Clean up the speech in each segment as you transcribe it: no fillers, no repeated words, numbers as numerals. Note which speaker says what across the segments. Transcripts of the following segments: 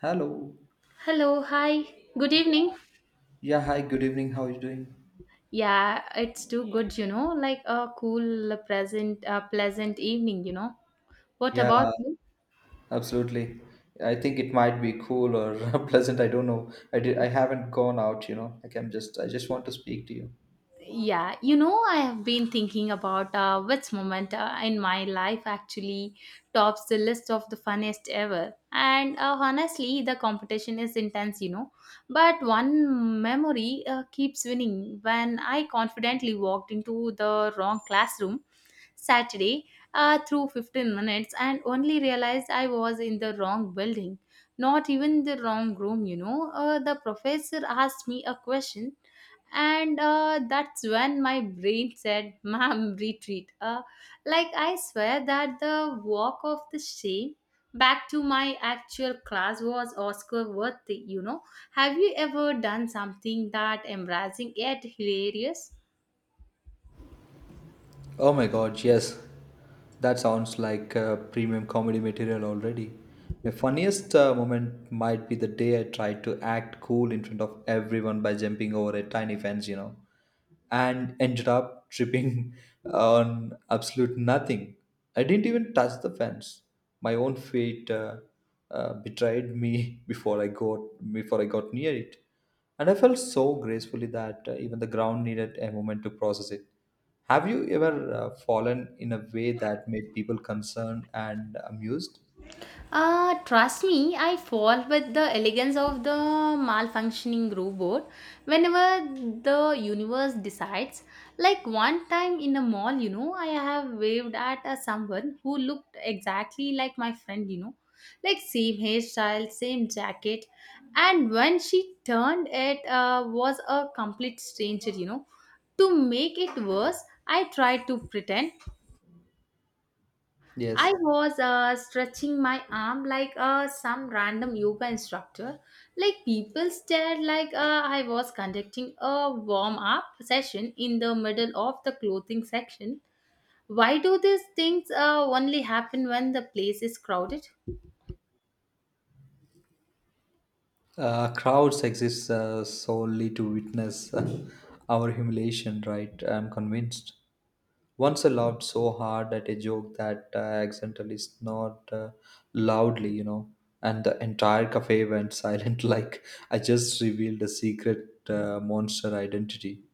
Speaker 1: Hello.
Speaker 2: Hello, hi. Good evening.
Speaker 1: Yeah, hi, good evening. How are you doing?
Speaker 2: Yeah, it's too good, you know, like a cool, pleasant, pleasant evening, you know. What
Speaker 1: Yeah,
Speaker 2: about you?
Speaker 1: absolutely. I think it might be cool or pleasant. I don't know. I haven't gone out, you know. Like I just want to speak to you.
Speaker 2: Yeah, you know, I have been thinking about which moment in my life actually tops the list of the funniest ever. And honestly, the competition is intense, you know. But one memory keeps winning when I confidently walked into the wrong classroom Saturday through 15 minutes and only realized I was in the wrong building, not even the wrong room, you know. The professor asked me a question, and that's when my brain said, "Ma'am, retreat." Like, I swear that the walk of the shame back to my actual class was Oscar worthy, you know. Have you ever done something that embarrassing yet hilarious?
Speaker 1: Oh my god, yes. That sounds like premium comedy material already. My funniest moment might be the day I tried to act cool in front of everyone by jumping over a tiny fence, you know, and ended up tripping on absolute nothing. I didn't even touch the fence. My own feet betrayed me before I got near it, and I felt so gracefully that even the ground needed a moment to process it. Have you ever fallen in a way that made people concerned and amused?
Speaker 2: Trust me, I fall with the elegance of the malfunctioning robot whenever the universe decides. Like one time in a mall, you know, I have waved at a someone who looked exactly like my friend, you know, like same hairstyle, same jacket, and when she turned, it was a complete stranger, you know. To make it worse, I tried to pretend
Speaker 1: Yes.
Speaker 2: I was stretching my arm like some random yoga instructor. Like people stared like I was conducting a warm up session in the middle of the clothing section. Why do these things only happen when the place is crowded?
Speaker 1: Crowds exist solely to witness our humiliation, right? I'm convinced. Once I laughed so hard at a joke that I accidentally snored loudly, you know, and the entire cafe went silent like I just revealed a secret monster identity.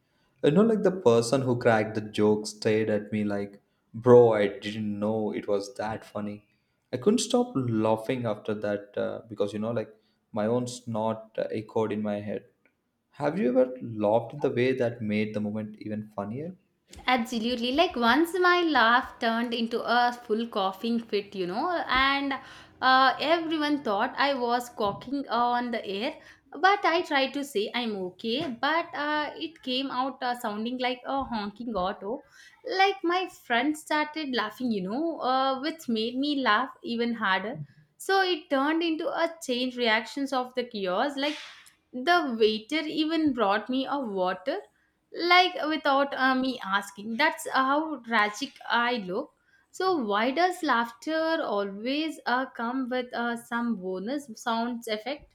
Speaker 1: You know, like the person who cracked the joke stared at me like, "Bro, I didn't know it was that funny." I couldn't stop laughing after that because, you know, like my own snort echoed in my head. Have you ever laughed in the way that made the moment even funnier?
Speaker 2: Absolutely. Like once my laugh turned into a full coughing fit, you know, and everyone thought I was coughing on the air. But I tried to say I'm okay, but it came out sounding like a honking auto. Like my friend started laughing, you know, which made me laugh even harder. So it turned into a chain reactions of the chaos. Like the waiter even brought me a water like without me asking, that's how tragic I look. So why does laughter always come with some bonus sounds effect?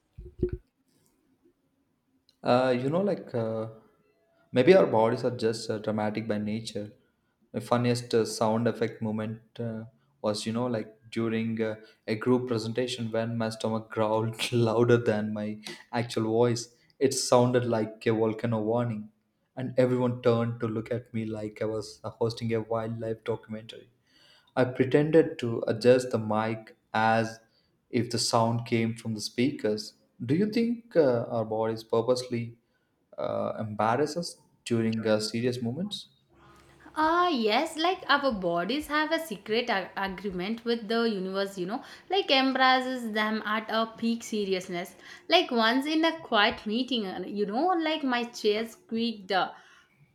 Speaker 1: Uh, you know, like uh, Maybe our bodies are just dramatic by nature. The funniest sound effect moment was during a group presentation when my stomach growled louder than my actual voice. It sounded like a volcano warning, and everyone turned to look at me like I was hosting a wildlife documentary. I pretended to adjust the mic as if the sound came from the speakers. Do you think our bodies purposely embarrass us during serious moments?
Speaker 2: Ah, yes, like our bodies have a secret agreement with the universe, you know, like embraces them at a peak seriousness. Like once in a quiet meeting, you know, like my chair squeaked uh,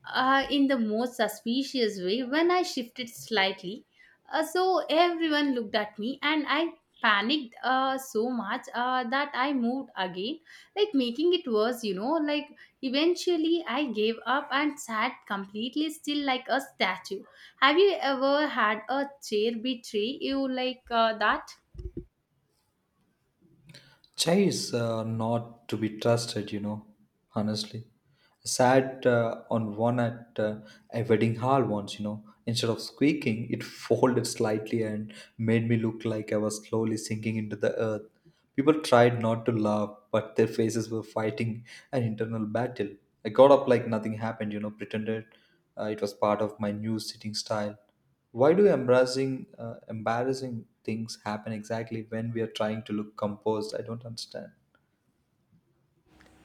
Speaker 2: uh, in the most suspicious way when I shifted slightly. So everyone looked at me and I panicked so much that I moved again, like making it worse, you know, like eventually, I gave up and sat completely still like a statue. Have you ever had a chair betray you like that?
Speaker 1: Chai is not to be trusted, you know, honestly. Sat on one at a wedding hall once, you know. Instead of squeaking, it folded slightly and made me look like I was slowly sinking into the earth. People tried not to laugh, but their faces were fighting an internal battle. I got up like nothing happened, you know, pretended it was part of my new sitting style. Why do embarrassing things happen exactly when we are trying to look composed? I don't understand.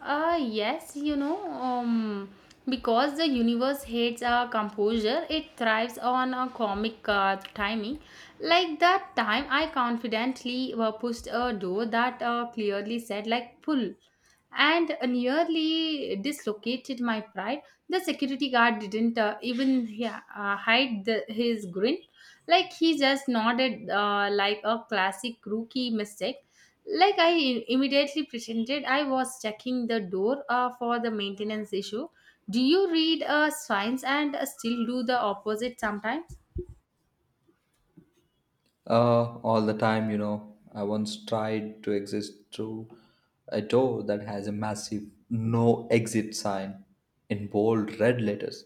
Speaker 2: Yes, you know, because the universe hates a composure, it thrives on a comic timing. Like that time, I confidently pushed a door that clearly said, like, pull, and nearly dislocated my pride. The security guard didn't even yeah, hide his grin. Like, he just nodded like a classic rookie mistake. Like immediately pretended I was checking the door for the maintenance issue. Do you read signs and still do the opposite sometimes?
Speaker 1: All the time, you know. I once tried to exit through a door that has a massive no exit sign in bold red letters.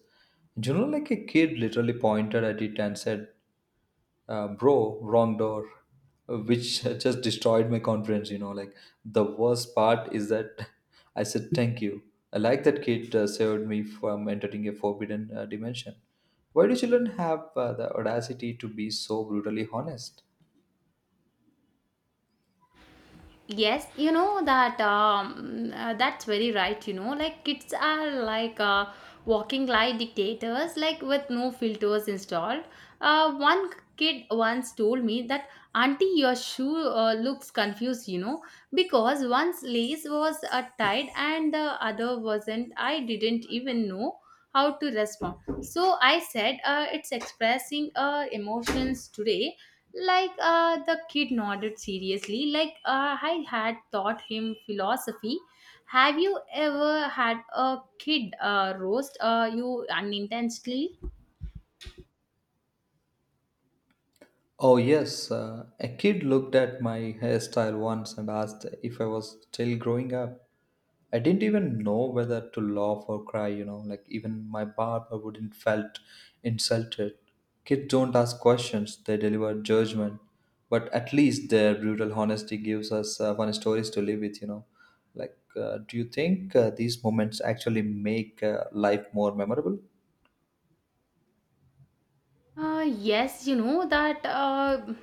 Speaker 1: You know, like a kid literally pointed at it and said, "Bro, wrong door," which just destroyed my confidence, you know. Like the worst part is that I said thank you. I like that kid saved me from entering a forbidden dimension. Why do children have the audacity to be so brutally honest?
Speaker 2: Yes, you know that that's very right. You know, like kids are like walking like dictators, like with no filters installed. One kid once told me that, "Auntie, your shoe looks confused," you know, because one's lace was tied and the other wasn't. I didn't even know how to respond. So I said, "It's expressing emotions today," like the kid nodded seriously, like I had taught him philosophy. Have you ever had a kid roast you unintentionally?
Speaker 1: Oh yes, a kid looked at my hairstyle once and asked if I was still growing up. I didn't even know whether to laugh or cry, you know, like even my barber wouldn't felt insulted. Kids don't ask questions, they deliver judgment. But at least their brutal honesty gives us fun stories to live with, you know. Like, do you think these moments actually make life more memorable?
Speaker 2: Yes, you know that. Uh,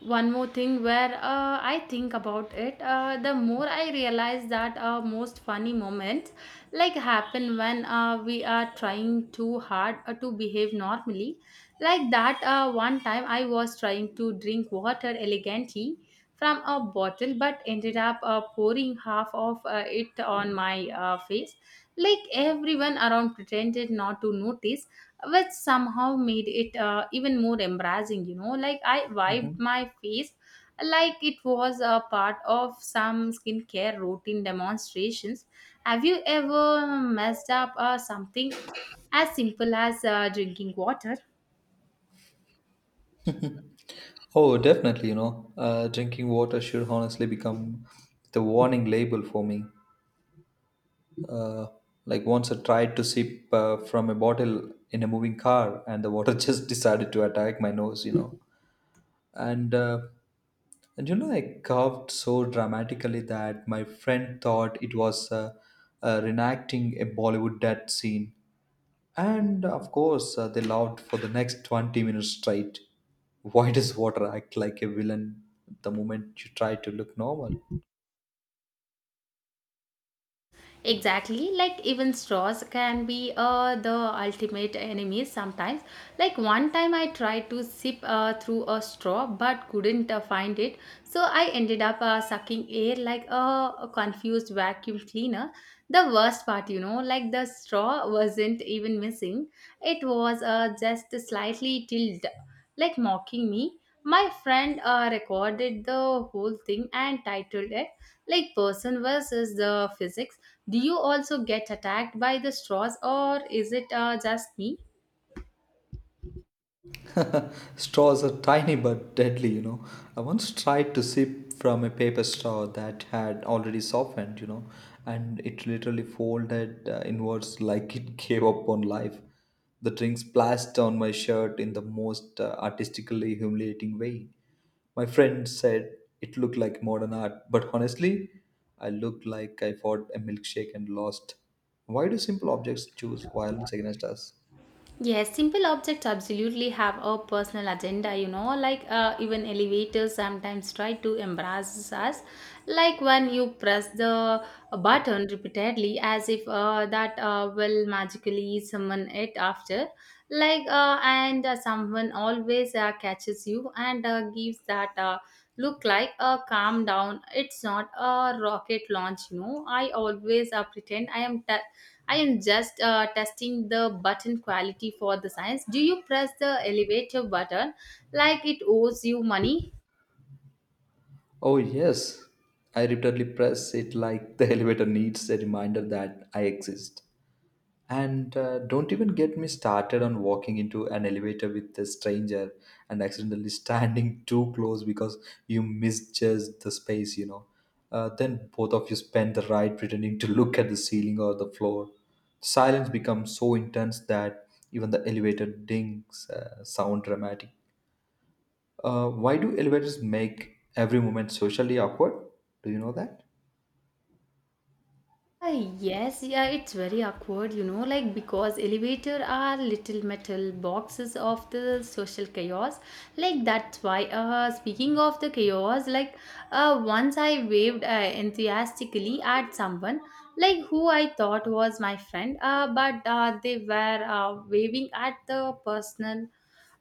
Speaker 2: one more thing, where I think about it, the more I realize that our most funny moments like happen when we are trying too hard to behave normally. Like that one time I was trying to drink water elegantly from a bottle but ended up pouring half of it on my face. Like everyone around pretended not to notice, which somehow made it even more embarrassing, you know. Like I wiped
Speaker 1: Mhm.
Speaker 2: my face like it was a part of some skincare routine demonstrations. Have you ever messed up something as simple as drinking water?
Speaker 1: Oh, definitely, you know, drinking water should honestly become the warning label for me. Uh, like once I tried to sip from a bottle in a moving car, and the water just decided to attack my nose, you know. And uh, and you know, I coughed so dramatically that my friend thought it was reenacting a Bollywood death scene. And of course, they laughed for the next 20 minutes straight. Why does water act like a villain the moment you try to look normal?
Speaker 2: Exactly, like even straws can be the ultimate enemy sometimes. Like one time I tried to sip through a straw but couldn't find it, so I ended up sucking air like a confused vacuum cleaner. The worst part, you know, like the straw wasn't even missing, it was just slightly tilted like mocking me. My friend recorded the whole thing and titled it like "person versus the physics." Do you also get attacked by the straws or is it just me?
Speaker 1: Straws are tiny but deadly, you know. I once tried to sip from a paper straw that had already softened, you know, and it literally folded inwards like it gave up on life. The drink splashed down my shirt in the most artistically humiliating way. My friend said it looked like modern art, but honestly, I looked like I fought a milkshake and lost. Why do simple objects choose violence against us?
Speaker 2: Yes, simple objects absolutely have a personal agenda, you know, like even elevators sometimes try to embarrass us. Like when you press the button repeatedly, as if that will magically summon it after. Like, and someone always catches you and gives that look like a calm down. It's not a rocket launch, you know. I always pretend I am just testing the button quality for the science. Do you press the elevator button like it owes you money?
Speaker 1: Oh, yes. I repeatedly press it like the elevator needs a reminder that I exist. And don't even get me started on walking into an elevator with a stranger and accidentally standing too close because you misjudged the space, you know. Then both of you spend the ride pretending to look at the ceiling or the floor. Silence becomes so intense that even the elevator dings sound dramatic. Why do elevators make every moment socially awkward? Do you know that?
Speaker 2: Yes, yeah, it's very awkward, you know, like because elevator are little metal boxes of the social chaos. Like that's why. Speaking of the chaos, like once I waved enthusiastically at someone, like who I thought was my friend, but they were waving at the person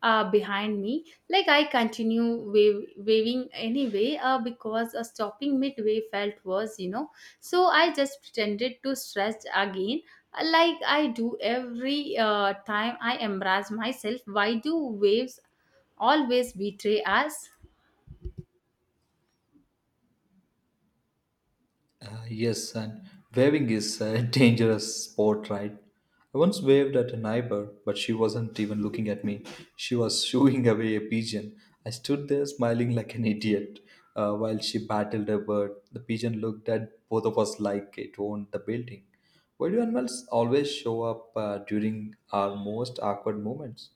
Speaker 2: behind me. Like I continue waving anyway because stopping midway felt worse, you know. So I just pretended to stretch again, like I do every time I embrace myself. Why do waves always betray us?
Speaker 1: Yes, and waving is a dangerous sport, right? I once waved at a neighbor, but she wasn't even looking at me. She was shooing away a pigeon. I stood there smiling like an idiot while she battled a bird. The pigeon looked at both of us like it owned the building. Why do animals always show up during our most awkward moments?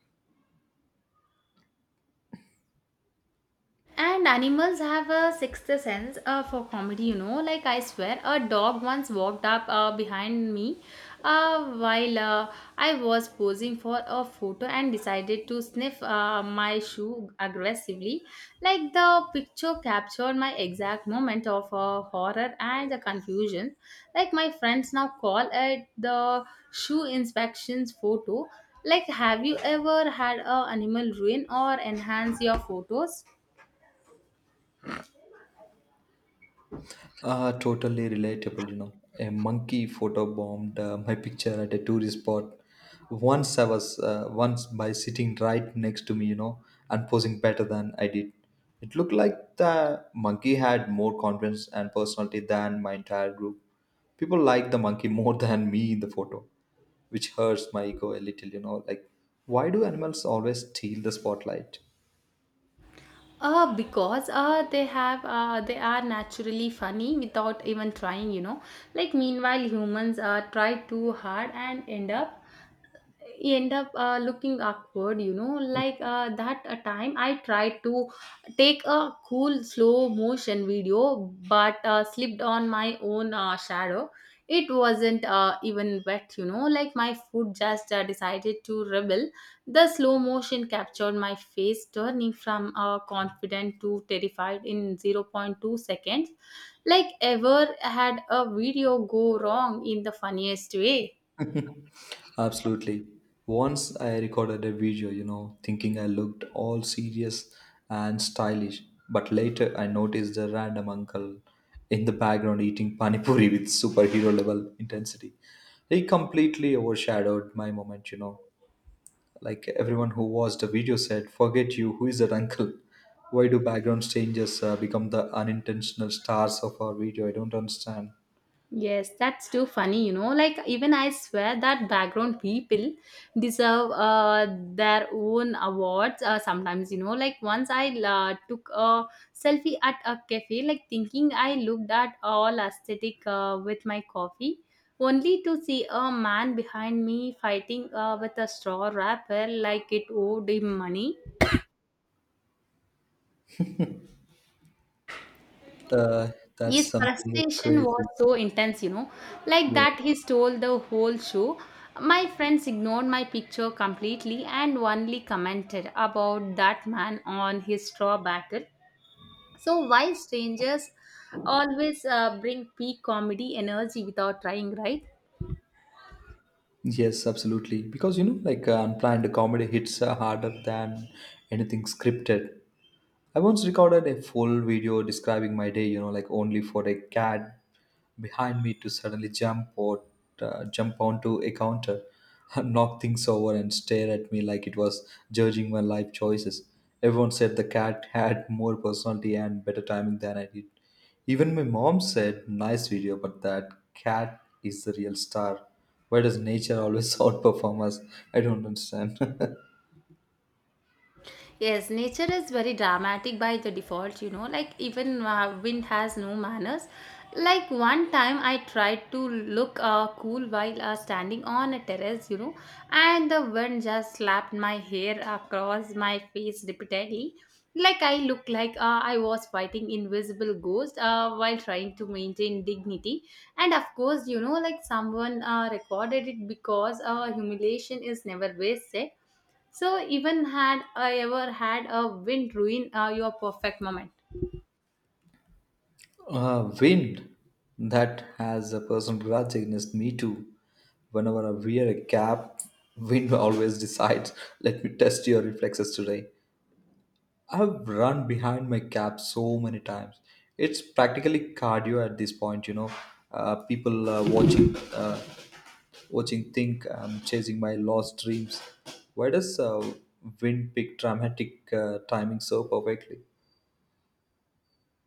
Speaker 2: And animals have a sixth sense for comedy, you know. Like, I swear, a dog once walked up behind me while I was posing for a photo and decided to sniff my shoe aggressively. Like, the picture captured my exact moment of horror and the confusion. Like, my friends now call it the shoe inspections photo. Like, have you ever had a animal ruin or enhance your photos?
Speaker 1: Totally relatable, you know. A monkey photobombed my picture at a tourist spot. Once I was once by sitting right next to me, you know, and posing better than I did. It looked like the monkey had more confidence and personality than my entire group. People liked the monkey more than me in the photo, which hurts my ego a little, you know. Like, why do animals always steal the spotlight?
Speaker 2: Because they have they are naturally funny without even trying, you know. Like meanwhile humans try too hard and end up, you end up looking awkward, you know. Like that time I tried to take a cool slow motion video but slipped on my own shadow. It wasn't even wet, you know, like my foot just decided to rebel. The slow motion captured my face turning from confident to terrified in 0.2 seconds. Like, ever had a video go wrong in the funniest way?
Speaker 1: Absolutely. Once I recorded a video, you know, thinking I looked all serious and stylish, but later I noticed a random uncle in the background eating panipuri with superhero level intensity. He completely overshadowed my moment, you know. Like everyone who watched the video said, "Forget you. Who is that uncle? Why do background strangers become the unintentional stars of our video? I don't understand."
Speaker 2: Yes, that's too funny, you know. Like, even I swear that background people deserve their own awards sometimes, you know. Like, once I took a selfie at a cafe, like, thinking I looked at all aesthetic with my coffee, only to see a man behind me fighting with a straw wrapper like it owed him money.
Speaker 1: Uh, that's
Speaker 2: His
Speaker 1: something
Speaker 2: frustration was
Speaker 1: crazy.
Speaker 2: so intense, you know, like
Speaker 1: Yeah.
Speaker 2: that he stole the whole show. My friends ignored my picture completely and only commented about that man on his straw battle. So, why strangers always bring peak comedy energy without trying, right?
Speaker 1: Yes, absolutely. Because you know, like unplanned comedy hits harder than anything scripted. I once recorded a full video describing my day, you know, like only for a cat behind me to suddenly jump onto a counter, knock things over, and stare at me like it was judging my life choices. Everyone said the cat had more personality and better timing than I did. Even my mom said, "Nice video, but that cat is the real star. Why does nature always outperform us? I don't understand."
Speaker 2: Yes, nature is very dramatic by the default, you know. Like, even wind has no manners. Like, one time I tried to look cool while standing on a terrace, you know, and the wind just slapped my hair across my face repeatedly. Like, I looked like I was fighting invisible ghost while trying to maintain dignity. And of course, you know, like someone recorded it because humiliation is never wasted. So even had I ever had a wind ruin your perfect moment.
Speaker 1: Wind that has a personal grudge against me too. Whenever I wear a cap, wind always decides, let me test your reflexes today. I've run behind my cap so many times. It's practically cardio at this point, you know. People watching think I'm chasing my lost dreams. Why does wind pick dramatic timing so perfectly?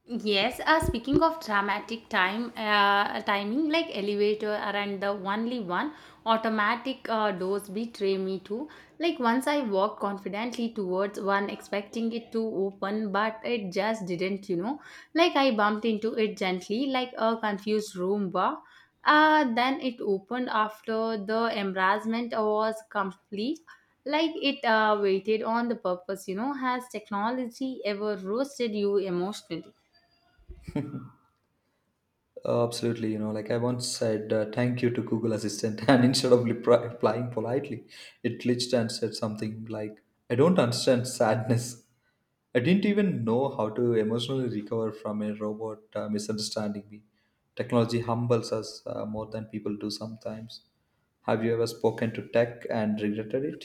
Speaker 2: Yes, speaking of dramatic time timing, like elevator and the only one automatic doors betray me too. Like once I walked confidently towards one, expecting it to open, but it just didn't. You know, like I bumped into it gently, like a confused Roomba. Then it opened after the embarrassment was complete. Like it waited on the purpose. You know, has technology ever roasted you emotionally?
Speaker 1: Absolutely you know, like I once said, thank you to Google Assistant, and instead of replying politely, it glitched and said something like, "I don't understand sadness." I didn't even know how to emotionally recover from a robot misunderstanding me. Technology humbles us more than people do sometimes. Have you ever spoken to tech and regretted it?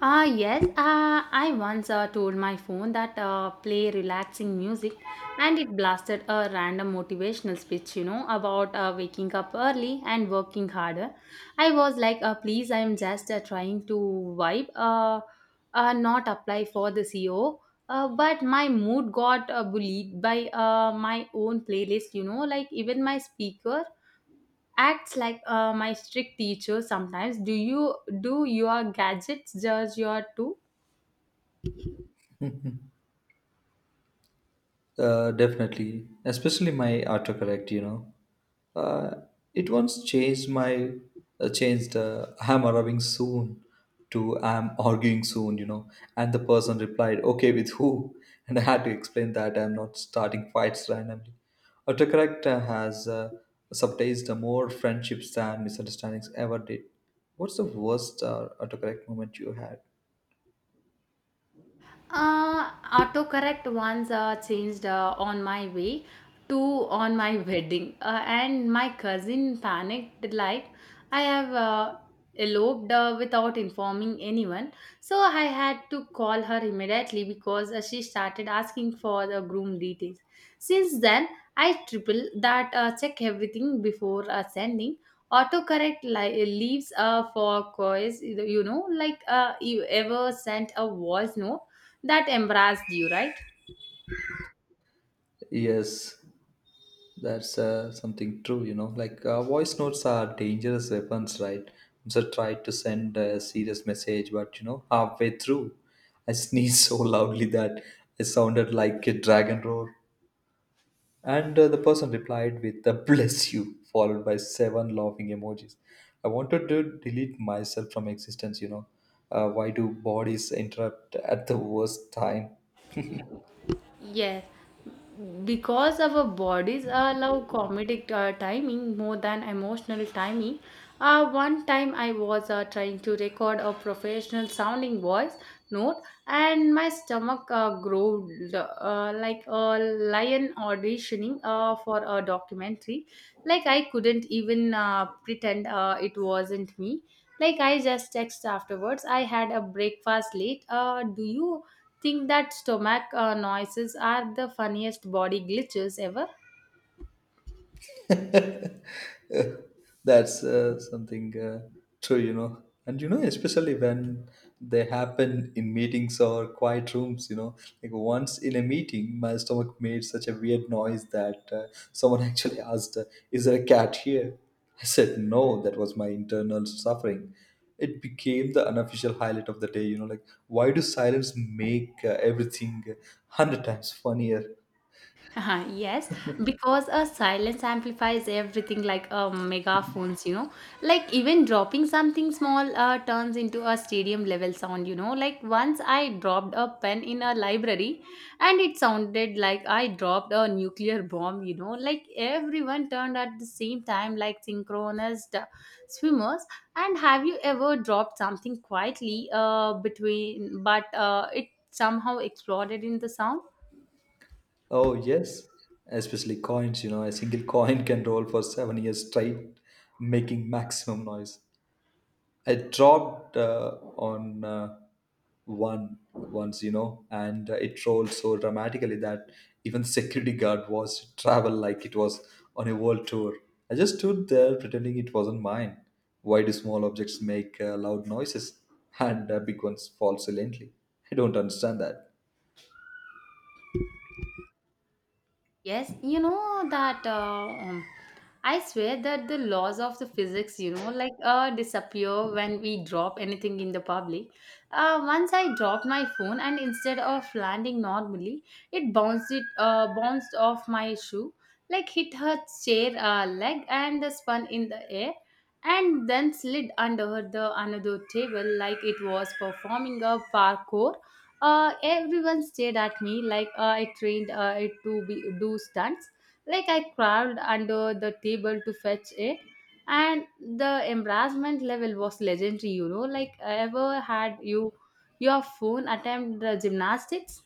Speaker 2: Ah, yes. I once told my phone that play relaxing music, and it blasted a random motivational speech, you know, about waking up early and working harder. I was like, please, I'm just trying to vibe, not apply for the CEO. But my mood got bullied by my own playlist, you know, like even my speaker acts like my strict teacher sometimes. Do you do your gadgets judge your too?
Speaker 1: Definitely, especially my autocorrect. You know, uh, it once changed "I'm arriving soon" to "I'm arguing soon." You know, and the person replied, "Okay, with who?" And I had to explain that I'm not starting fights randomly. Autocorrect has subtized more friendships than misunderstandings ever did. What's the worst autocorrect moment you had?
Speaker 2: Autocorrect once changed on my way to on my wedding, and my cousin panicked like I have eloped without informing anyone. So I had to call her immediately because she started asking for the groom details. Since then, I triple that check everything before sending. Autocorrect leaves for quiz, you know, like you ever sent a voice note that embarrassed you, right?
Speaker 1: Yes, that's something true, you know. Like voice notes are dangerous weapons, right? So tried to send a serious message, but you know, halfway through, I sneezed so loudly that it sounded like a dragon roar. And the person replied with a bless you, followed by seven laughing emojis. I wanted to delete myself from existence, you know. Why do bodies interrupt at the worst time?
Speaker 2: Yes, because our bodies allow comedic timing more than emotional timing. One time I was trying to record a professional sounding voice note, and my stomach growled like a lion auditioning for a documentary. Like I couldn't even pretend it wasn't me. Like I just text afterwards. I had a breakfast late. Do you think that stomach noises are the funniest body glitches ever?
Speaker 1: That's something true, you know. And you know, especially when they happen in meetings or quiet rooms, you know, like once in a meeting, my stomach made such a weird noise that someone actually asked, "Is there a cat here?" I said, "No, that was my internal suffering." It became the unofficial highlight of the day, you know, like, why do silence make everything 100 times funnier?
Speaker 2: Yes, because a silence amplifies everything like a megaphones, you know. Like even dropping something small turns into a stadium level sound, you know. Like once I dropped a pen in a library and it sounded like I dropped a nuclear bomb, you know. Like everyone turned at the same time like synchronous swimmers. And have you ever dropped something quietly between but it somehow exploded in the sound?
Speaker 1: Oh, yes, especially coins, you know, a single coin can roll for 7 years straight, making maximum noise. I dropped on one once, you know, and it rolled so dramatically that even security guard was travel like it was on a world tour. I just stood there pretending it wasn't mine. Why do small objects make loud noises and big ones fall silently? I don't understand that.
Speaker 2: Yes, you know that I swear that the laws of the physics, you know, like disappear when we drop anything in the public. Once I dropped my phone, and instead of landing normally, it bounced off my shoe, like hit her chair leg, and spun in the air, and then slid under the another table like it was performing a parkour. Everyone stared at me like I trained it to be do stunts. Like I crawled under the table to fetch it, and the embarrassment level was legendary. You know, like ever had you your phone attempt the gymnastics?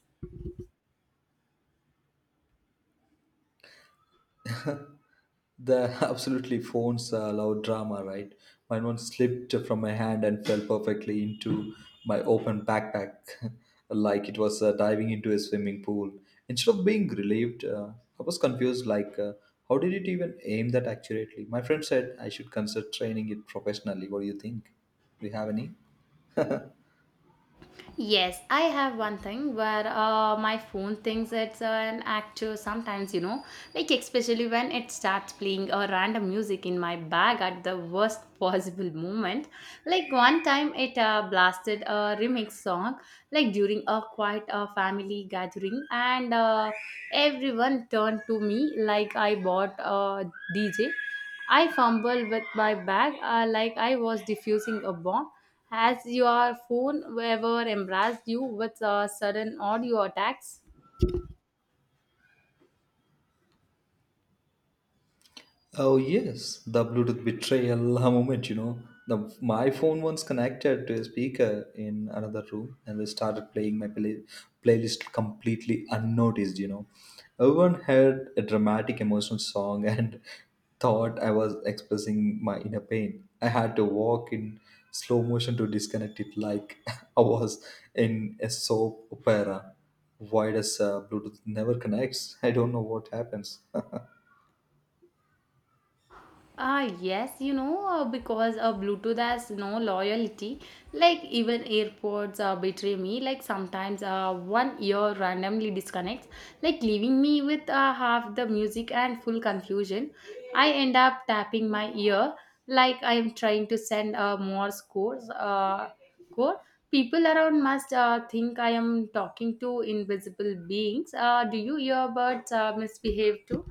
Speaker 1: The absolutely phones loud drama, right? Mine one slipped from my hand and fell perfectly into my open backpack, like it was diving into a swimming pool. Instead of being relieved, I was confused. Like, how did it even aim that accurately? My friend said I should consider training it professionally. What do you think? Do you have any?
Speaker 2: Yes, I have one thing where my phone thinks it's an actor sometimes, you know, like especially when it starts playing a random music in my bag at the worst possible moment. Like one time it blasted a remix song, like during a quiet family gathering, and everyone turned to me like I bought a DJ. I fumbled with my bag like I was diffusing a bomb. Has your phone ever embraced you with sudden audio attacks?
Speaker 1: Oh yes, the Bluetooth betrayal moment. You know, the my phone once connected to a speaker in another room, and they started playing my playlist completely unnoticed. You know, everyone heard a dramatic emotional song and thought I was expressing my inner pain. I had to walk in slow motion to disconnect it, like I was in a soap opera. Why does Bluetooth never connects? I don't know what happens.
Speaker 2: Ah, yes, you know, because Bluetooth has no loyalty. Like, even AirPods betray me. Like, sometimes one ear randomly disconnects, like, leaving me with half the music and full confusion. I end up tapping my ear like I am trying to send a Morse code. People around must think I am talking to invisible beings. Do you earbuds misbehave too?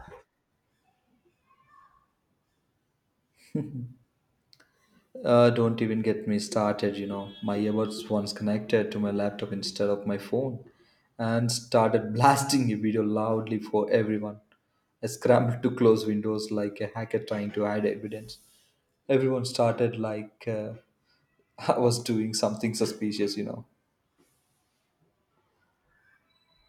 Speaker 1: Don't even get me started, you know. My earbuds once connected to my laptop instead of my phone and started blasting a video loudly for everyone. I scrambled to close windows like a hacker trying to hide evidence. Everyone started like I was doing something suspicious, you know.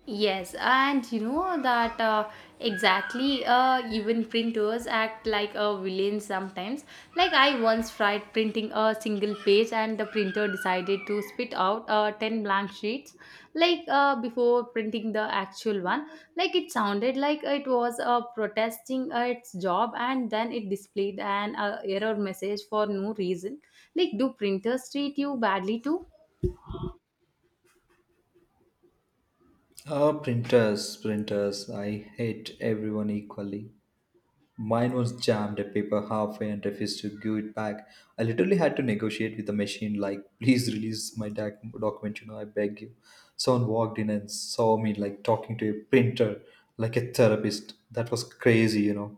Speaker 2: Yes, and you know that exactly. Even printers act like a villain sometimes. Like I once tried printing a single page, and the printer decided to spit out ten blank sheets. Like before printing the actual one, like it sounded like it was protesting its job, and then it displayed an error message for no reason. Like, do printers treat you badly too?
Speaker 1: Oh, printers, printers. I hate everyone equally. Mine was jammed a paper halfway and refused to give it back. I literally had to negotiate with the machine, like, "Please release my document, you know, I beg you." Someone walked in and saw me, like, talking to a printer, like a therapist. That was crazy, you know.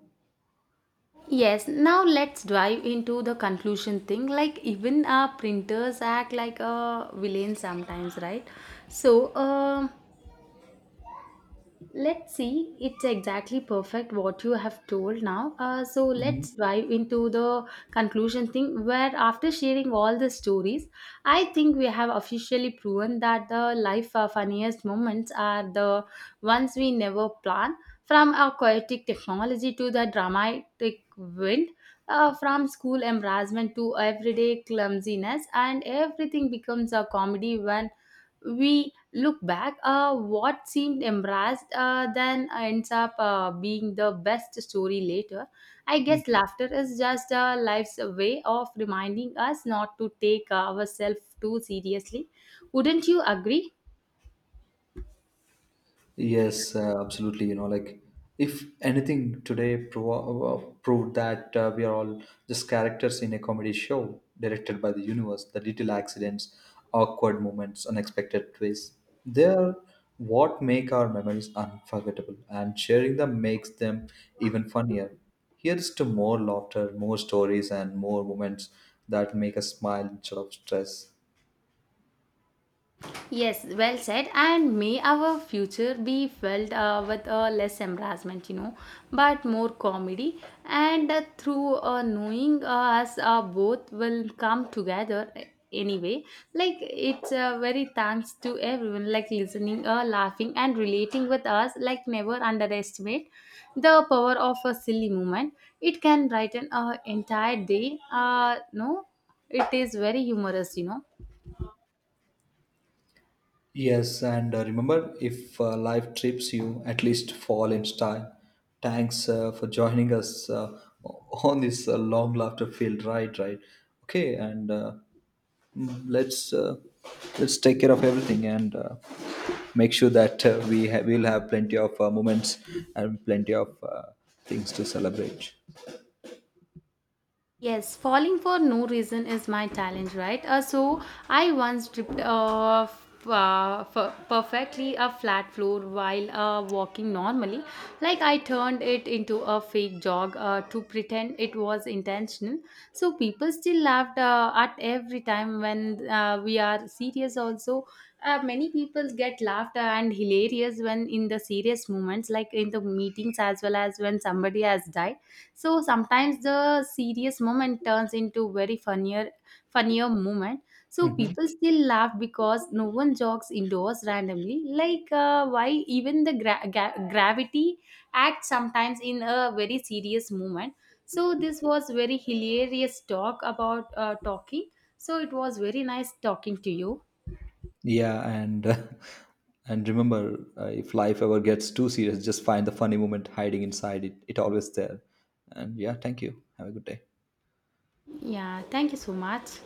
Speaker 2: Yes, now let's dive into the conclusion thing. Like, even our printers act like a villain sometimes, right? So, let's see, it's exactly perfect what you have told now. So let's dive into the conclusion thing where after sharing all the stories, I think we have officially proven that the life funniest moments are the ones we never plan. From our chaotic technology to the dramatic wind, from school embarrassment to everyday clumsiness, and everything becomes a comedy when we look back, what seemed embarrassed then ends up being the best story later. I guess laughter is just life's way of reminding us not to take ourselves too seriously. Wouldn't you agree?
Speaker 1: Yes, absolutely. You know, like if anything today proved that we are all just characters in a comedy show directed by the universe, the little accidents, awkward moments, unexpected twists, they're what make our memories unforgettable, and sharing them makes them even funnier. Here's to more laughter, more stories, and more moments that make us smile instead of stress.
Speaker 2: Yes, well said. And may our future be filled with less embarrassment, you know, but more comedy. And through knowing us, both will come together anyway. Like it's very thanks to everyone, like listening, laughing, and relating with us. Like never underestimate the power of a silly moment. It can brighten an entire day. No, it is very humorous, you know.
Speaker 1: Yes, and remember, if life trips you, at least fall in style. Thanks for joining us on this long laughter field. Right, right. Okay, and mm, let's uh, let's take care of everything and make sure that will have plenty of moments and plenty of things to celebrate.
Speaker 2: Yes, falling for no reason is my challenge, right? So I once tripped off. Perfectly a flat floor while walking normally, like I turned it into a fake jog to pretend it was intentional, so people still laughed at every time when we are serious also, many people get laughed and hilarious when in the serious moments like in the meetings as well as when somebody has died, so sometimes the serious moment turns into very funnier moment, so
Speaker 1: Mhm.
Speaker 2: people still laugh because no one jogs indoors randomly, like why even the gravity acts sometimes in a very serious moment. So this was very hilarious talk about talking. So it was very nice talking to you.
Speaker 1: Yeah, and and remember, if life ever gets too serious, just find the funny moment hiding inside it. It always there. And yeah, thank you. Have a good day.
Speaker 2: Yeah, thank you so much.